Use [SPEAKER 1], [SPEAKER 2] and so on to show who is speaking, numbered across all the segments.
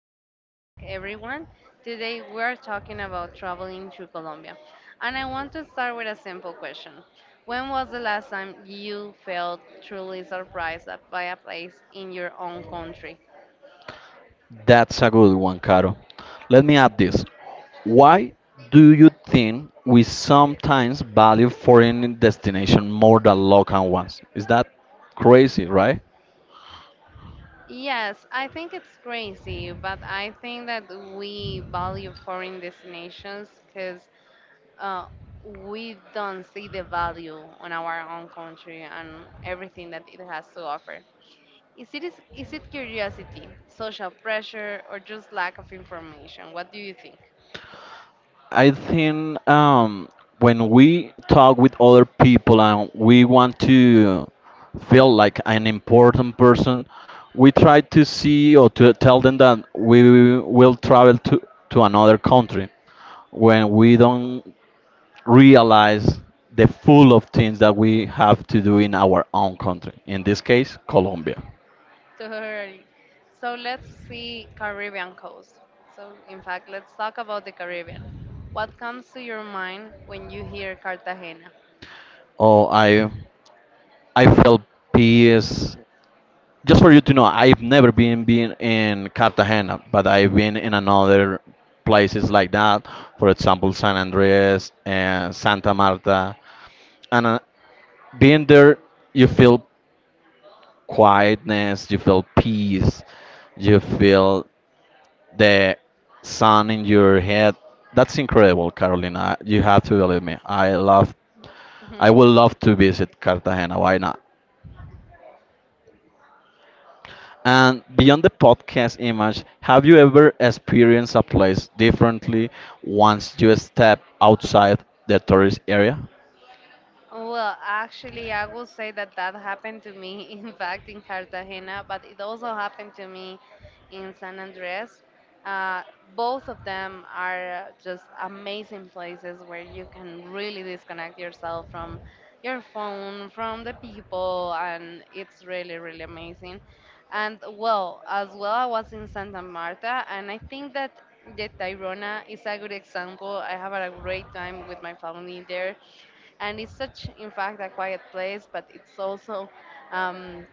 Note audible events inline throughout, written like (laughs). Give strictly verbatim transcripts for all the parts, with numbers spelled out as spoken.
[SPEAKER 1] Welcome back, everyone. Today we are talking about traveling through Colombia. And I want to start with a simple question. When was the last time you felt truly surprised by a place in your own country?
[SPEAKER 2] That's a good one, Caro. Let me add this. Why do you think we sometimes value foreign destinations more than local ones? Is that crazy, right?
[SPEAKER 1] Yes, I think it's crazy, but I think that we value foreign destinations because uh, we don't see the value on our own country and everything that it has to offer. Is it, is, is it curiosity, social pressure, or just lack of information? What do you think?
[SPEAKER 2] I think um, When we talk with other people and we want to feel like an important person, we try to see or to tell them that we will travel to, to another country when we don't realize the full of things that we have to do in our own country. In this case, Colombia.
[SPEAKER 1] Totally. So let's see Caribbean coast. So in fact, let's talk about the Caribbean. What comes to your mind when you hear Cartagena?
[SPEAKER 2] Oh, I I felt peace. Just for you to know, I've never been been in Cartagena, but I've been in another places like that. For example, San Andres and Santa Marta, and uh, being there, you feel quietness, you feel peace, you feel the sun in your head. That's incredible, Carolina. You have to believe me. I love, I
[SPEAKER 1] Mhm.
[SPEAKER 2] would love to visit Cartagena. Why not?
[SPEAKER 1] (laughs)
[SPEAKER 2] And beyond the podcast image, have you ever experienced a place differently once you step outside the tourist area?
[SPEAKER 1] Well, actually, I will say that that happened to me, (laughs) in fact, in Cartagena, but it also happened to me in San Andres. Uh, both of them are just amazing places where you can really disconnect yourself from your phone, from the people, and it's really, really amazing. And well, as well, I was in Santa Marta, and I think that the Tayrona is a good example. I have had a great time with my family there, and it's such, in fact, a quiet place, but it's also um,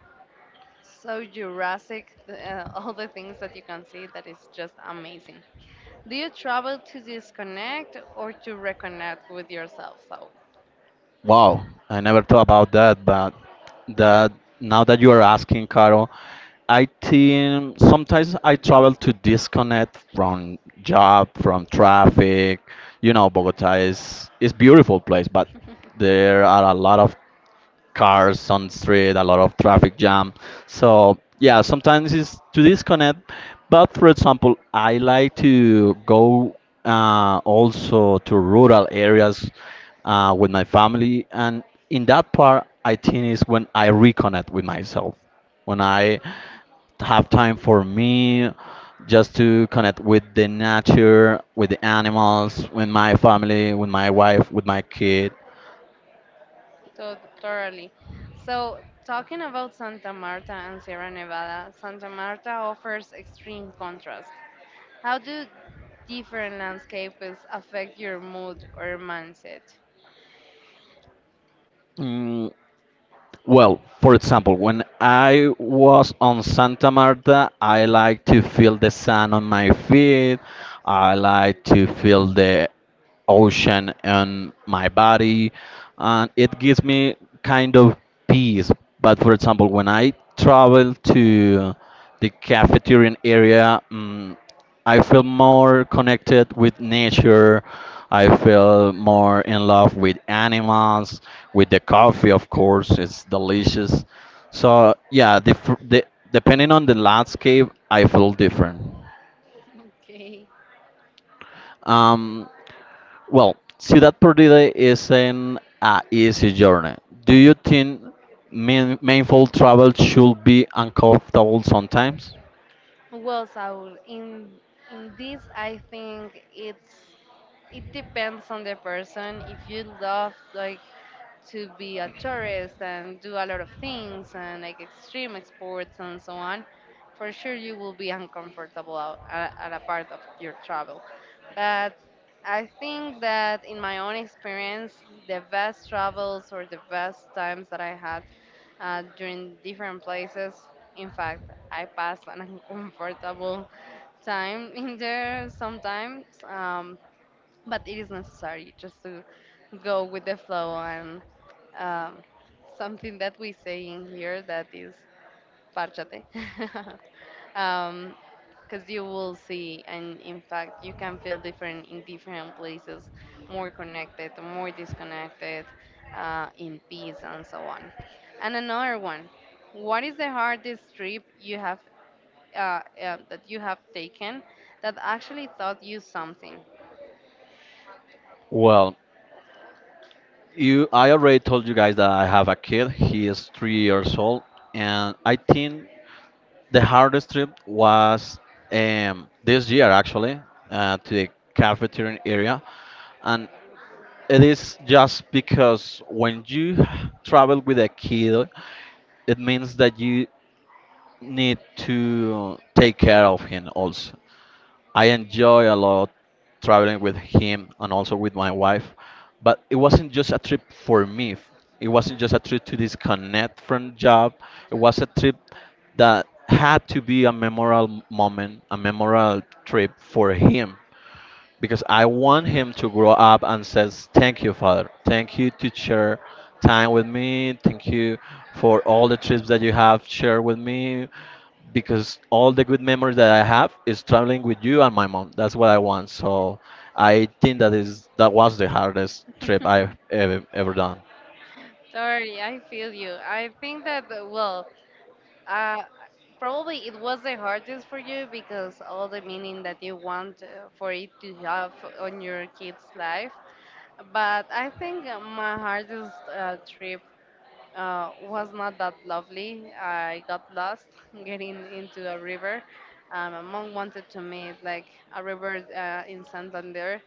[SPEAKER 1] so jurassic, uh, (laughs) all the things that you can see, that is just amazing. Do you travel to disconnect or to reconnect with yourself? So
[SPEAKER 2] Wow, I never thought about that, but that now that you are asking, Carol, I think sometimes I travel to disconnect from job, from traffic. You know, Bogota is is beautiful place, but
[SPEAKER 1] Mhm.
[SPEAKER 2] there are a lot of cars on the street, a lot of traffic jam. So yeah, sometimes it's to disconnect. But for example, I like to go uh, also to rural areas uh, with my family, and
[SPEAKER 1] (laughs)
[SPEAKER 2] in that part, I think is when I reconnect with myself, when I have time for me just to connect with the nature, with the animals, with my family, with my wife, with my kid.
[SPEAKER 1] To- Totally. So, talking about Santa Marta and Sierra Nevada, Santa Marta offers extreme contrast. How do different landscapes affect your mood or mindset?
[SPEAKER 2] Mm, Well, for example, when I was on Santa Marta, I like to feel the sun on my feet. I like to feel the ocean on my body, and it gives me kind of peace. But for example, when I travel to the cafeterian area mm I feel more connected with nature, I feel more in love with animals, with the coffee, of course, it's delicious. So yeah, the, the, depending on the landscape I feel different.
[SPEAKER 1] (laughs) Okay.
[SPEAKER 2] Um, Well, Ciudad Perdida is an uh, easy journey. Do you think mean, meaningful travel should be uncomfortable sometimes?
[SPEAKER 1] Well, Saul, in in this, I think it's it depends on the person. If you love, like, to be a tourist and do a lot of things and like extreme sports and so on, for sure you will be uncomfortable out- at, at a part of your travel. But I think that in my own experience, the best travels or the best times that I had uh, during different places. In fact, I passed an (laughs) uncomfortable time in there sometimes, um, but it is necessary just to go with the flow and, um, something that we say in here that is parchate. (laughs) um because you will see, and in fact you can feel different in different places, more connected, more disconnected, uh, in peace and so on. And another one, what is the hardest trip you have uh, uh, that you have taken that actually taught you something?
[SPEAKER 2] Well, you, I already told you guys that I have a kid. He is three years old, and I think the hardest trip was um, this year actually uh, to the cafeteria area, and it is just because when you travel with a kid, it means that you need to take care of him also. I enjoy a lot traveling with him and also with my wife, but it wasn't just a trip for me. It wasn't just a trip to disconnect from job. It was a trip that had to be a memorable moment, a memorable trip for him because I want him to grow up and says, "Thank you, father. Thank you to share time with me. Thank you for all the trips that you have shared with me." Because all the good memories that I have is traveling with you and my mom. That's what I want. So I think that is that was the hardest trip I've
[SPEAKER 1] (laughs)
[SPEAKER 2] ever, ever done.
[SPEAKER 1] Sorry, I feel you. I think that, uh, well, Uh, probably it was the hardest for you because all the meaning that you want, uh, for it to have on your kid's life. But I think, uh, my hardest, uh, trip, uh, was not that lovely. I got lost (laughs) getting into a river. Um, my mom wanted to meet, like, a river uh, in Santander,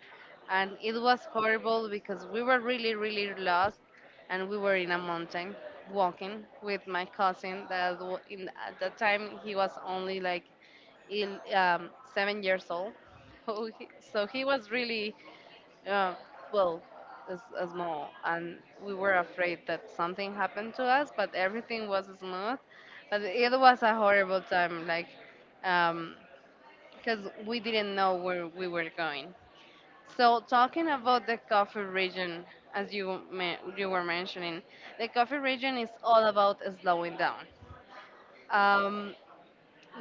[SPEAKER 1] and it was horrible because we were really, really lost, and we were in a mountain walking with my cousin that, w- in at that time, he was only like il- um, seven years old. (laughs) So he so he was really, uh, well, it's, uh, small, and we were afraid that something happened to us, but everything was smooth. But it was a horrible time, like, um, because we didn't know where we were going. So talking about the coffee region, as you me- you were mentioning, the coffee region is all about slowing down. Um,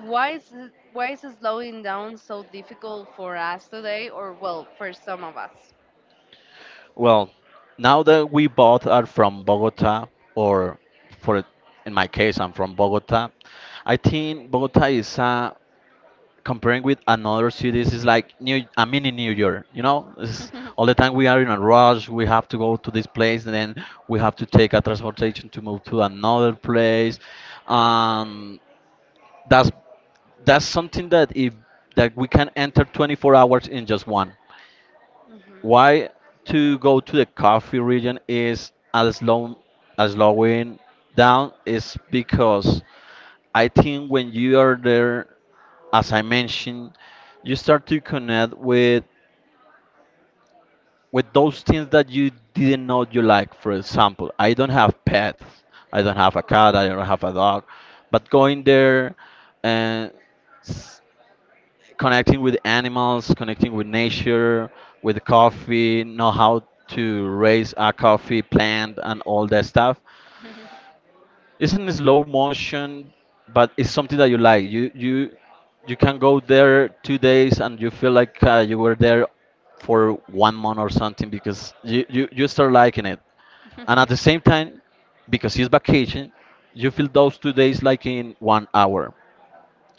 [SPEAKER 1] why is it- why is slowing down so difficult for us today, or, well, for some of us?
[SPEAKER 2] Well, now that we both are from Bogota, or for in my case, I'm from Bogota. I think Bogota is a comparing with another cities is like new, I mean, in New York, you know, it's all the time
[SPEAKER 1] (laughs)
[SPEAKER 2] we are in a rush, we have to go to this place, and then we have to take a transportation to move to another place. um that's that's something that if that we can enter twenty-four hours in just one.
[SPEAKER 1] In this
[SPEAKER 2] Why to go to the coffee region is as slow as slowing down is because I think when you are there, as I mentioned, you start to connect with with those things that you didn't know you like. For example, I don't have pets. I don't have a cat. I don't have a dog. But going there and s- connecting with animals, connecting with nature, with coffee, know how to raise a coffee plant and all that stuff.
[SPEAKER 1] place.
[SPEAKER 2] Isn't slow motion, but it's something that you like. You you you can go there two days and you feel like uh, you were there for one month or something because you, you you start liking it, and at the
[SPEAKER 1] Mhm.
[SPEAKER 2] same
[SPEAKER 1] (laughs)
[SPEAKER 2] time, because it's vacation, you feel those two days like in one hour.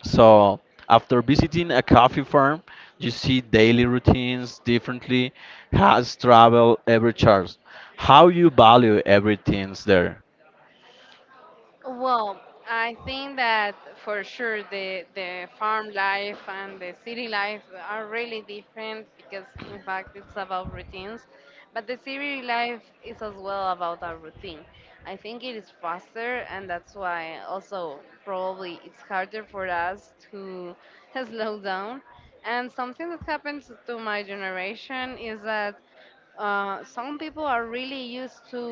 [SPEAKER 2] So after visiting a coffee farm, you see daily routines differently, has travel every charge, how you value everything's there.
[SPEAKER 1] Well, I think that, for sure, the the farm life and the city life are really different, because in fact it's about routines, but the city life is as well about a routine. I think it is faster, and that's why also probably it's harder for us to (laughs) slow down. And something that happens to my generation is that, uh, some people are really used to,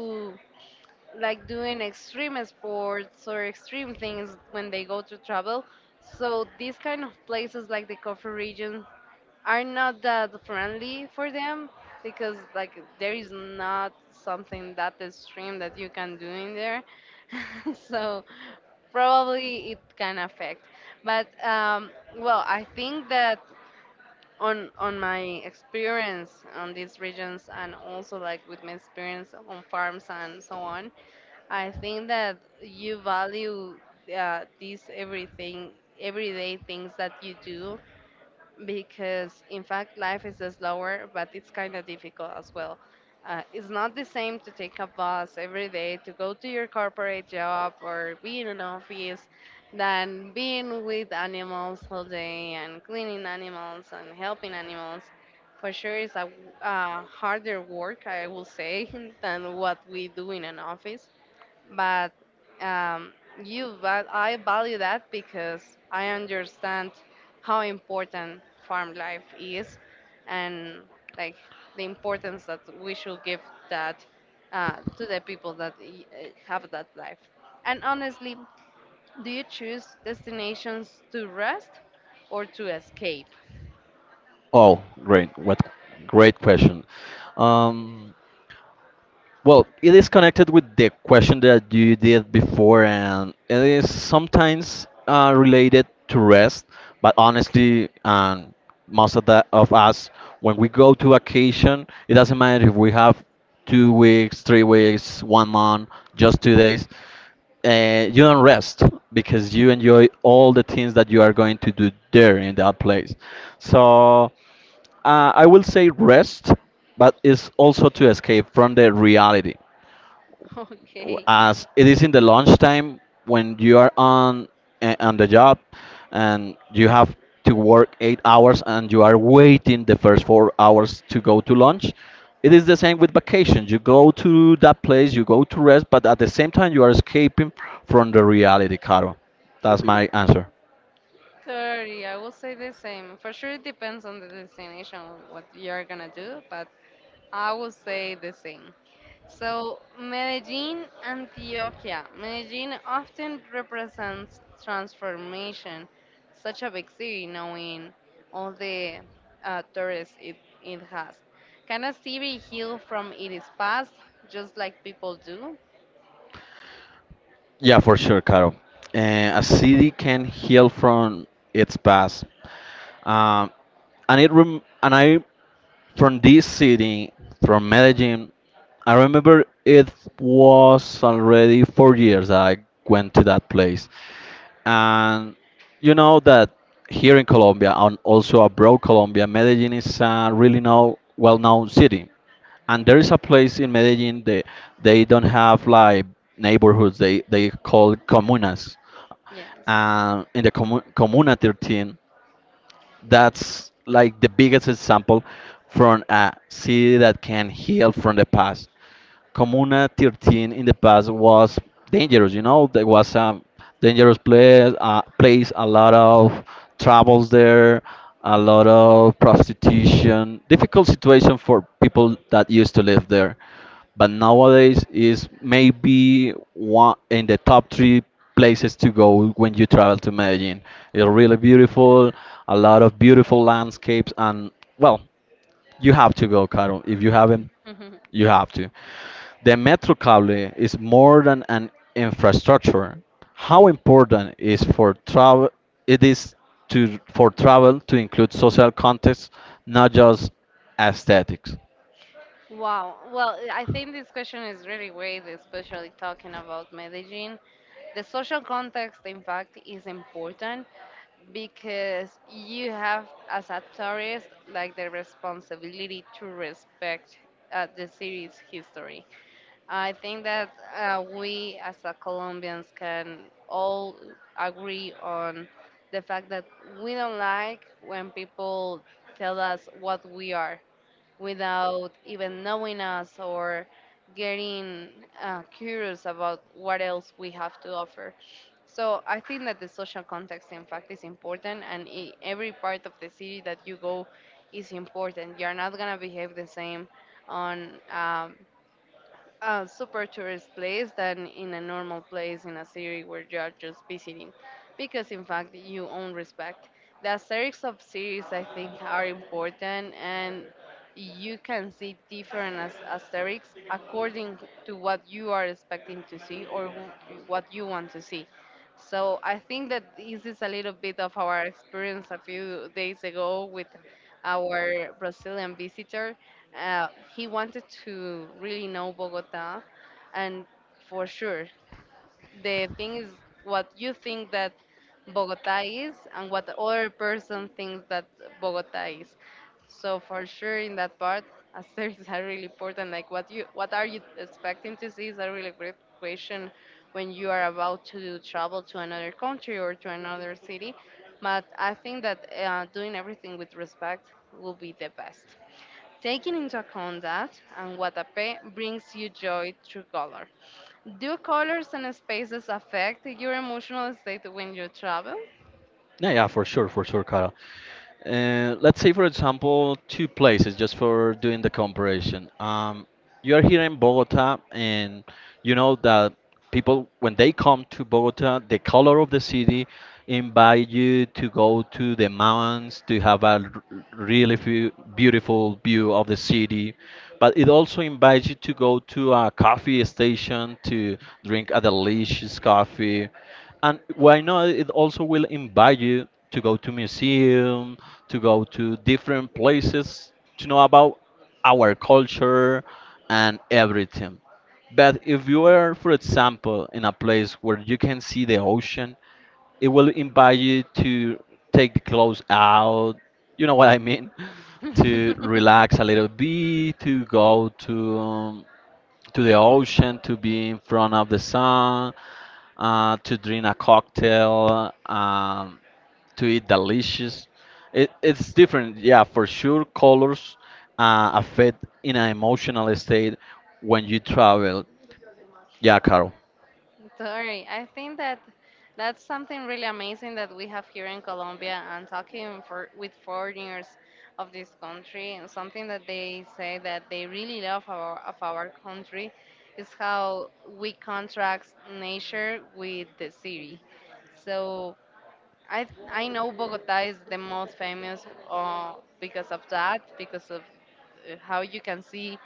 [SPEAKER 1] like, doing extreme sports or extreme things when they go to travel. So these kind of places like the coffee region are not that friendly for them, because, like, there is not something that extreme that you can do in there. (laughs) So probably it can affect. But, um, well, I think that, on on my experience on these regions, and also like with my experience on farms and so on, I think that you value, uh, these everything, everyday things that you do, because in fact, life is slower, but it's kind of difficult as well. Uh, it's not the same to take a bus every day to go to your corporate job or be in an office than being with animals all day and cleaning animals and helping animals. For sure, it's a, uh, harder work, I will say, (laughs) than what we do in an office. But, um, you, but I value that, because I understand how important farm life is, and, like, the importance that we should give that, uh, to the people that y- uh, have that life. And honestly, do you choose destinations to rest or to escape?
[SPEAKER 2] Oh, great. What great question. Um, well, it is connected with the question that you did before, and it is sometimes uh, related to rest. But honestly, and most of the of us, when we go to vacation, it doesn't matter if we have two weeks, three weeks, one month, just two days. Uh, you don't rest because you enjoy all the things that you are going to do there in that place. So. Uh, I will say rest, but it's also to escape from the reality.
[SPEAKER 1] (laughs) Okay.
[SPEAKER 2] As it is in the lunchtime when you are on eh, on the job and you have to work eight hours and you are waiting the first four hours to go to lunch. It is the same with vacation. You go to that place, you go to rest, but at the same time you are escaping from the reality, Caro. That's my answer.
[SPEAKER 1] Thirty, I will say the same. For sure, it depends on the destination, what you're gonna do, but I would say the same. So, Medellin, Antioquia. Medellin often represents transformation. Such a big city, knowing all the, uh, tourists it, it has. Can a city heal from its past, just like people do?
[SPEAKER 2] Yeah, for sure, Caro. Uh, a city can heal from its past, um, and it rem- and I from this city, from Medellin, I remember it was already four years that I went to that place, and you know that here in Colombia and also abroad Colombia, Medellin is a really now well-known city. And there is a place in Medellin they they don't have like neighborhoods. They they call comunas.
[SPEAKER 1] Yes. (laughs)
[SPEAKER 2] And in the commu comuna thirteen, that's like the biggest example from a city that can heal from the past. Comuna thirteen in the past was dangerous. You know, there was a dangerous place. Uh, place a lot of troubles there, a lot of prostitution, difficult situation for people that used to live there. But nowadays is maybe one in the top three places to go when you travel to Medellin. It's really beautiful, a lot of beautiful landscapes, and well. You have to go, Carol. If you haven't,
[SPEAKER 1] Mhm.
[SPEAKER 2] you have to. The Metrocable is more than an infrastructure. How important is for travel it is to for travel to include social context, not just aesthetics.
[SPEAKER 1] Wow. Well, I think this question is really great, especially talking about Medellin. The social context, in fact, is important. Because you have, as a tourist, like the responsibility to respect, uh, the city's history. I think that, uh, we as a Colombians can all agree on the fact that we don't like when people tell us what we are, without even knowing us or getting, uh, curious about what else we have to offer. So I think that the social context, in fact, is important, and I every part of the city that you go is important. You're not gonna behave the same on. Um, a super tourist place than in a normal place in a city where you're just visiting, because in fact you own respect. The aesthetics of cities, I think, are important, and you can see different as- aesthetics according to what you are expecting to see, or wh- what you want to see. So I think that this is a little bit of our experience a few days ago with our Brazilian visitor. uh, he wanted to really know Bogota, and for sure, the thing is what you think that Bogota is, and what the other person thinks that Bogota is. So for sure, in that part, (laughs) answers are really important. Like, what you, what are you expecting to see is a really great question when you are about to travel to another country or to another city. But I think that, uh, doing everything with respect will be the best. Taking into account that, and what a pay brings you joy through color. Do colors and spaces affect your emotional state when you travel?
[SPEAKER 2] Yeah, yeah, for sure, for sure, Carol. Uh, let's say, for example, two places just for doing the comparison. Um, you are here in Bogota, and you know that people, when they come to Bogota, the color of the city invite you to go to the mountains to have a r- really few, beautiful view of the city. But it also invites you to go to a coffee station to drink a delicious coffee, and why not? It also will invite you to go to museum, to go to different places to know about our culture and everything. But if you are, for example, in a place where you can see the ocean, it will invite you to take the clothes out. You know what I mean? (laughs) To
[SPEAKER 1] (laughs)
[SPEAKER 2] relax a little bit, to go to um, to the ocean, to be in front of the sun, uh, to drink a cocktail, um, to eat delicious. It, it's different, yeah, for sure. Colors uh, affect in an emotional state when you travel. Yeah, Carol.
[SPEAKER 1] Sorry, I think that that's something really amazing that we have here in Colombia, and talking for, with foreigners of this country, and something that they say that they really love our, of our country is how we contrast nature with the city. So I th- I know Bogota is the most famous, uh, because of that, because of, uh, how you can see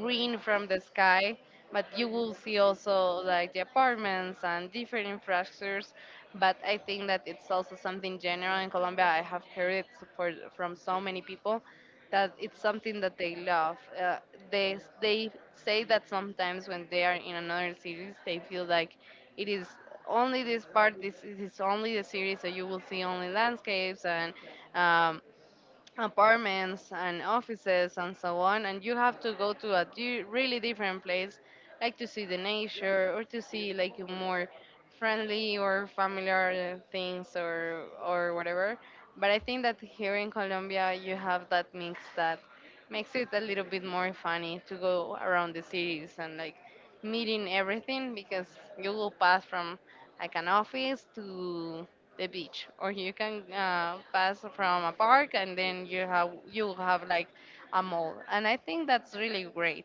[SPEAKER 1] green from the sky, but you will see also like the apartments and different infrastructures. But I think that it's also something general in Colombia. I have heard it for, from so many people that it's something that they love. Uh, they they say that sometimes when they are in another cities, they feel like it is only this part. This, this is only the series, so you will see only landscapes and, um, apartments and offices and so on, and you have to go to a di- really different place, like to see the nature or to see, like, more friendly or familiar things, or or whatever. But I think that here in Colombia you have that mix that makes it a little bit more funny to go around the cities, and, like, meeting everything, because you will pass from, like, an office to the beach, or you can, uh, pass from a park, and then you have you have, like, a mall. And I think that's really great.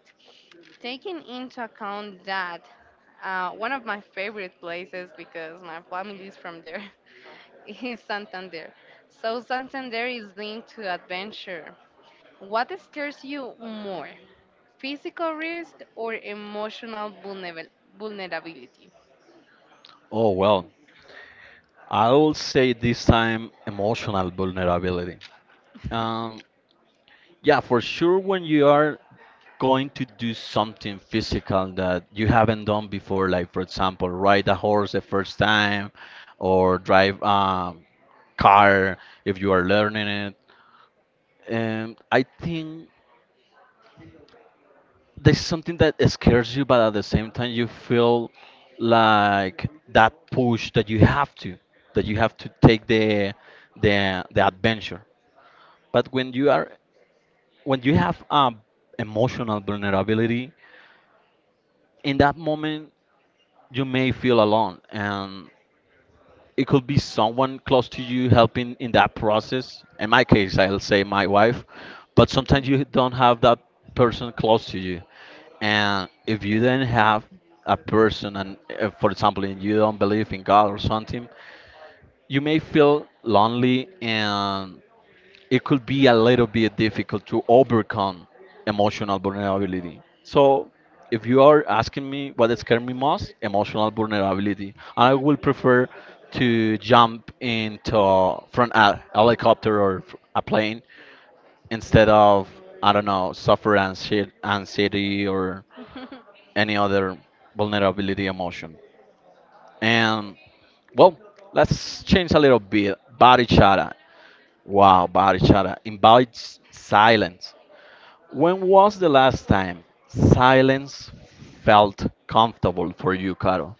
[SPEAKER 1] Taking into account that, uh, one of my favorite places, because my family is from there (laughs) is Santander. So Santander is linked to adventure. What scares you more, physical risk or emotional vulnerabil- vulnerability?
[SPEAKER 2] Oh well, I will say this time emotional vulnerability. Um, yeah, for sure. When you are going to do something physical that you haven't done before, like for example, ride a horse the first time, or drive a car if you are learning it. And I think there's something that scares you, but at the same time you feel like that push that you have to, that you have to take the the the adventure. But when you are when you have um, emotional vulnerability, in that moment you may feel alone, and it could be someone close to you helping in that process. In my case, I'll say my wife, but sometimes you don't have that person close to you. And if you then have a person, and uh, for example, and you don't believe in god or something, you may feel lonely, and it could be a little bit difficult to overcome emotional vulnerability. So, if you are asking me what scared me most, emotional vulnerability, I will prefer to jump into from a helicopter or f- a plane instead of, I don't know, suffer anxie- anxiety or
[SPEAKER 1] (laughs)
[SPEAKER 2] any other vulnerability emotion. And well, let's change a little bit. Body chara. Wow, Barichara invites silence. When was the last time silence felt comfortable for you, Carol?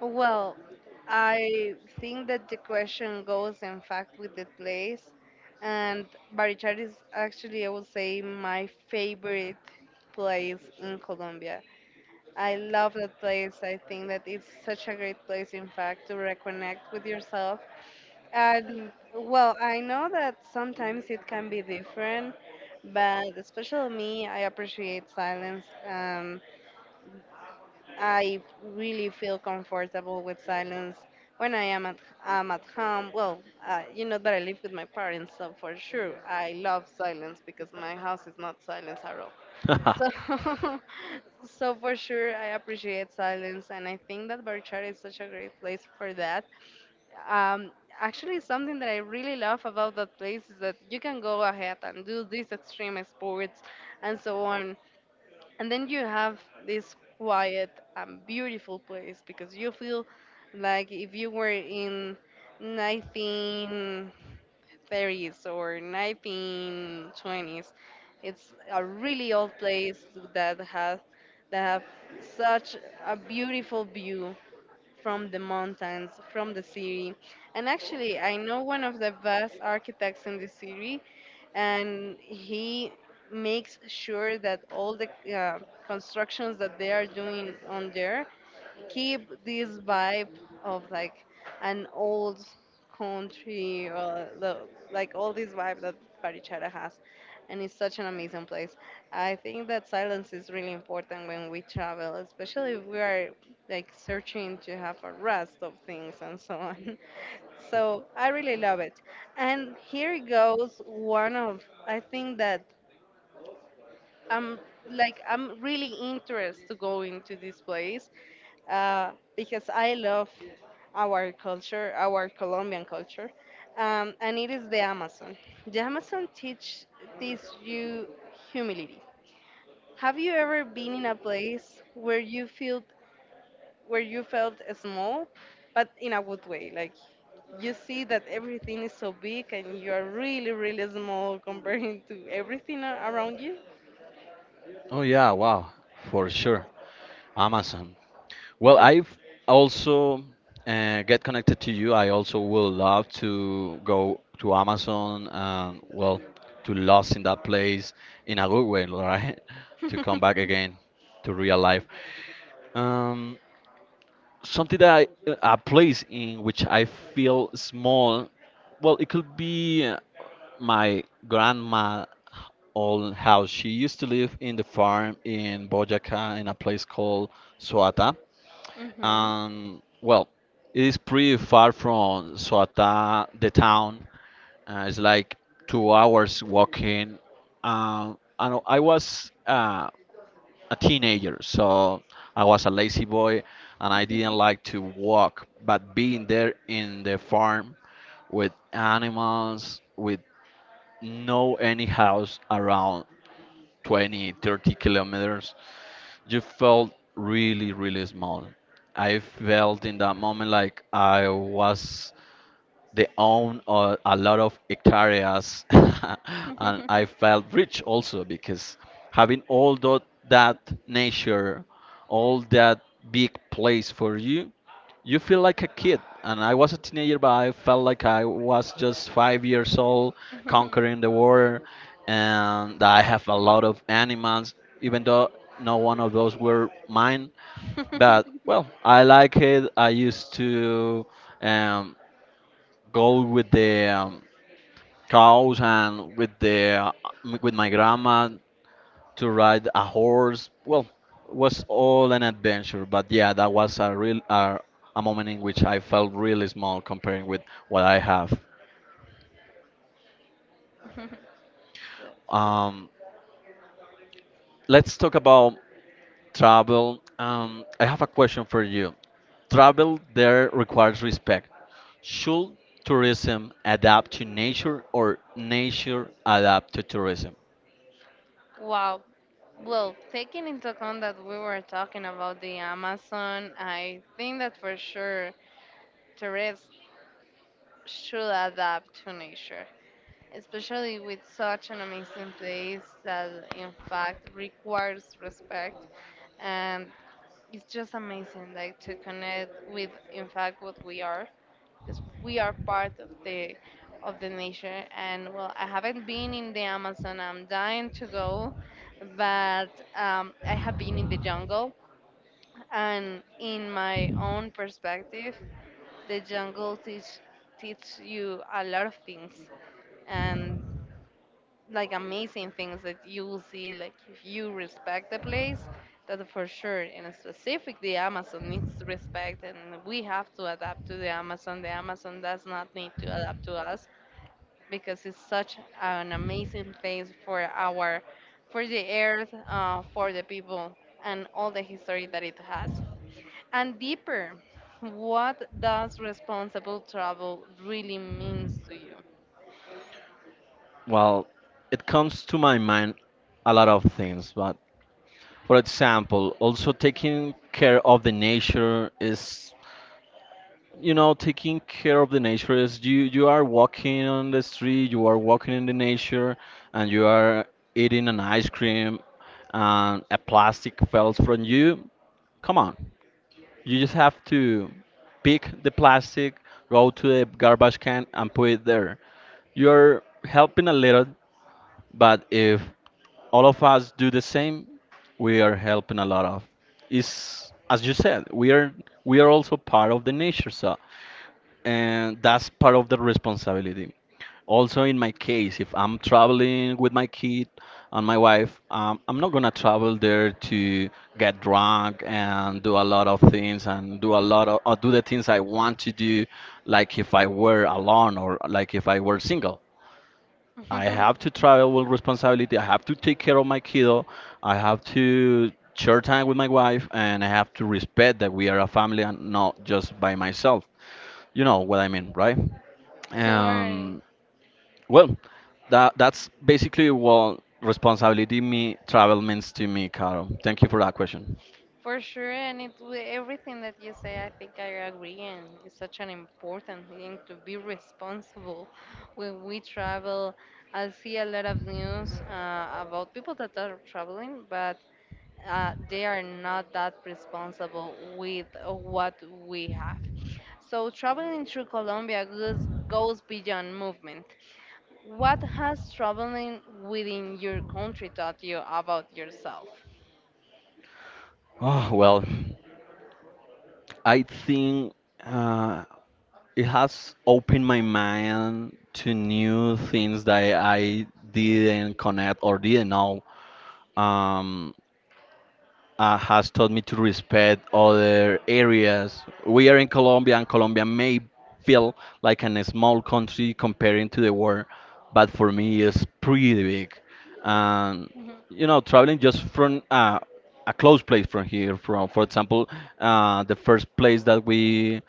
[SPEAKER 1] Well, I think that the question goes, in fact, with the place. And Barichara is actually, I would say, my favorite place in Colombia. I love that place. I think that it's such a great place, in fact, to reconnect with yourself. And, well, I know that sometimes it can be different, but especially me, I appreciate silence. Um, I really feel comfortable with silence when I am at am at home. Well, uh, you know that I live with my parents, so for sure I love silence because my house is not silence at all. So,
[SPEAKER 2] (laughs)
[SPEAKER 1] (laughs) so for sure I appreciate silence, and I think that Berkshire is such a great place for that. Um, actually, something that I really love about that place is that you can go ahead and do these extreme sports and so on, and then you have this quiet and beautiful place because you feel like if you were in nineteen thirties or nineteen twenties. It's a really old place that has that have such a beautiful view from the mountains, from the city. And actually, I know one of the best architects in the city, and he makes sure that all the uh, constructions that they are doing on there keep this vibe of like an old country, or the, like all this vibe that Barichara has, and it's such an amazing place. I think that silence is really important when we travel, especially if we are like searching to have a rest of things and so on. (laughs) So I really love it. And here goes one of I think that I'm like I'm really interested to go into this place, uh, because I love our culture, our Colombian culture, um, and it is the Amazon. The Amazon teach teaches you humility. Have you ever been in a place where you felt where you felt small, but in a good way? Like you see that everything is so big and you are really, really small comparing (laughs) to everything a- around you.
[SPEAKER 2] oh yeah, wow, for sure. Amazon. Well,
[SPEAKER 1] (laughs)
[SPEAKER 2] I've also uh, get connected to you. I also will love to go to Amazon and well to lost in that place in a good way, right? (laughs) To come back again to real life. Um, Something that I, a place in which I feel small. Well, it could be uh, my grandma old house. She used to live in the farm in Boyaca in a place called Soata,
[SPEAKER 1] Mhm.
[SPEAKER 2] and well, it is pretty far from Suata, the town. Uh, it's like two hours walking. Um, and I was uh, a teenager, so I was a lazy boy, and I didn't like to walk. But being there in the farm with animals, with no any house around twenty, thirty kilometers, you felt really really small. I felt in that moment like I was, they own uh, a lot of hectares, (laughs) and
[SPEAKER 1] (laughs)
[SPEAKER 2] I felt rich also because having all tho- that nature, all that big place for you, you feel like a kid. And I was a teenager, but I felt like I was just five years old,
[SPEAKER 1] Mhm.
[SPEAKER 2] conquering the world, and I have a lot of animals, even though no one of those were mine. But
[SPEAKER 1] (laughs)
[SPEAKER 2] well, I like it. I used to. Um, Go with the um, cows and with the with my grandma to ride a horse. Well, it was all an adventure, but yeah, that was a real a, a moment in which I felt really small comparing with what I have. Um, let's talk about travel. Um, I have a question for you. Travel there requires respect. Should tourism adapt to nature or nature adapt to tourism?
[SPEAKER 1] Wow. Well, taking into account that we were talking about the Amazon, I think that for sure tourists should adapt to nature, especially with such an amazing place that, in fact, requires respect. And it's just amazing, like, to connect with, in fact, what we are. Because we are part of the of the nature, and well, I haven't been in the Amazon, I'm dying to go, but um, I have been in the jungle, and in my own perspective, the jungle teach teach you a lot of things, and like amazing things that you will see, like if you respect the place. That for sure, and specific the Amazon (laughs) needs to respect, and we have to adapt to the Amazon. The Amazon does not need to adapt to us because it's such an amazing place for our, for the Earth, uh, for the people, and all the history that it has. And deeper, what does responsible travel really means to
[SPEAKER 2] Well, it comes to my mind a lot of things, but for example, also taking care of the nature is, you know, taking care of the nature is you you are walking on the street, you are walking in the nature, and you are eating an ice cream, and a plastic falls from you. Come on, you just have to pick the plastic, go to the garbage can, and put it there. You're helping a little, but if all of us do the same, we are helping a lot of. Is as you said, we are we are also part of the nature, so and that's part of the responsibility. Also, in my case, if I'm traveling with my kid and my wife, um, I'm not gonna travel there to get drunk and do a lot of things and do a lot of or do the things I want to do, like if I were alone or like if I were single. I
[SPEAKER 1] you? (laughs)
[SPEAKER 2] have to travel with responsibility. I have to take care of my kiddo. I have to share time with my wife, and I have to respect that we are a family and not just by myself. You know what I mean, right?
[SPEAKER 1] Don't worry.
[SPEAKER 2] And well, that that's basically what responsibility me travel means to me, Carol. Thank you for that question.
[SPEAKER 1] For sure, and it wi- everything that you say, I think I agree, and it's such an important thing to be responsible when we travel. I see a lot of news uh, about people that are traveling, but uh, they are not that responsible with what we have. So traveling through Colombia goes goes beyond movement. What has traveling within your country taught you about yourself?
[SPEAKER 2] Oh well, I think uh, it has opened my mind to new things that I didn't connect or didn't know. Um, uh, has taught me to respect other areas. We are in Colombia, and Colombia may feel like a small country comparing to the world, but for me, it's pretty big. And you know, traveling just from uh, a close place from here, from for example, uh, the first place that we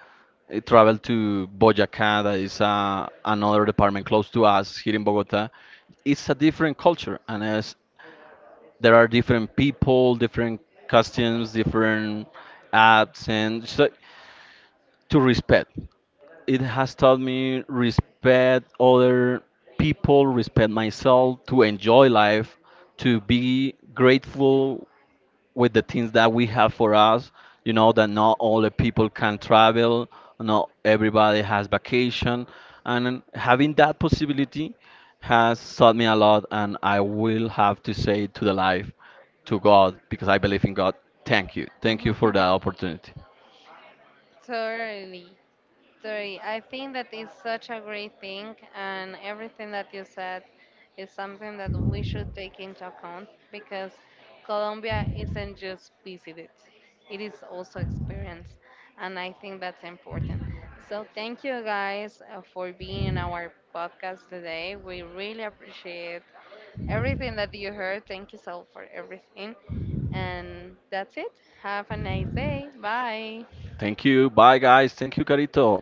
[SPEAKER 2] I traveled to Boyacá, that is uh, another department close to us here in Bogota. It's a different culture, and as there are different people, different costumes, different acts, and so to respect. It has taught me respect other people, respect myself, to enjoy life, to be grateful with the things that we have for us. You know that not all the people can travel, not everybody has vacation, and having that possibility has taught me a lot. And I will have to say to the life, to God, because I believe in God. Thank you, thank you for that
[SPEAKER 1] (laughs)
[SPEAKER 2] opportunity.
[SPEAKER 1] Totally. Dory, I think that is such a great thing, and everything that you said is something that we should take into account because Colombia isn't just visited, it is also experienced, and I think that's important. So, thank you guys uh, for being in our podcast today. We really appreciate everything that you heard. Thank you so for everything, and that's it. Have a nice day. Bye.
[SPEAKER 2] Thank you. Bye, guys. Thank you, Carito.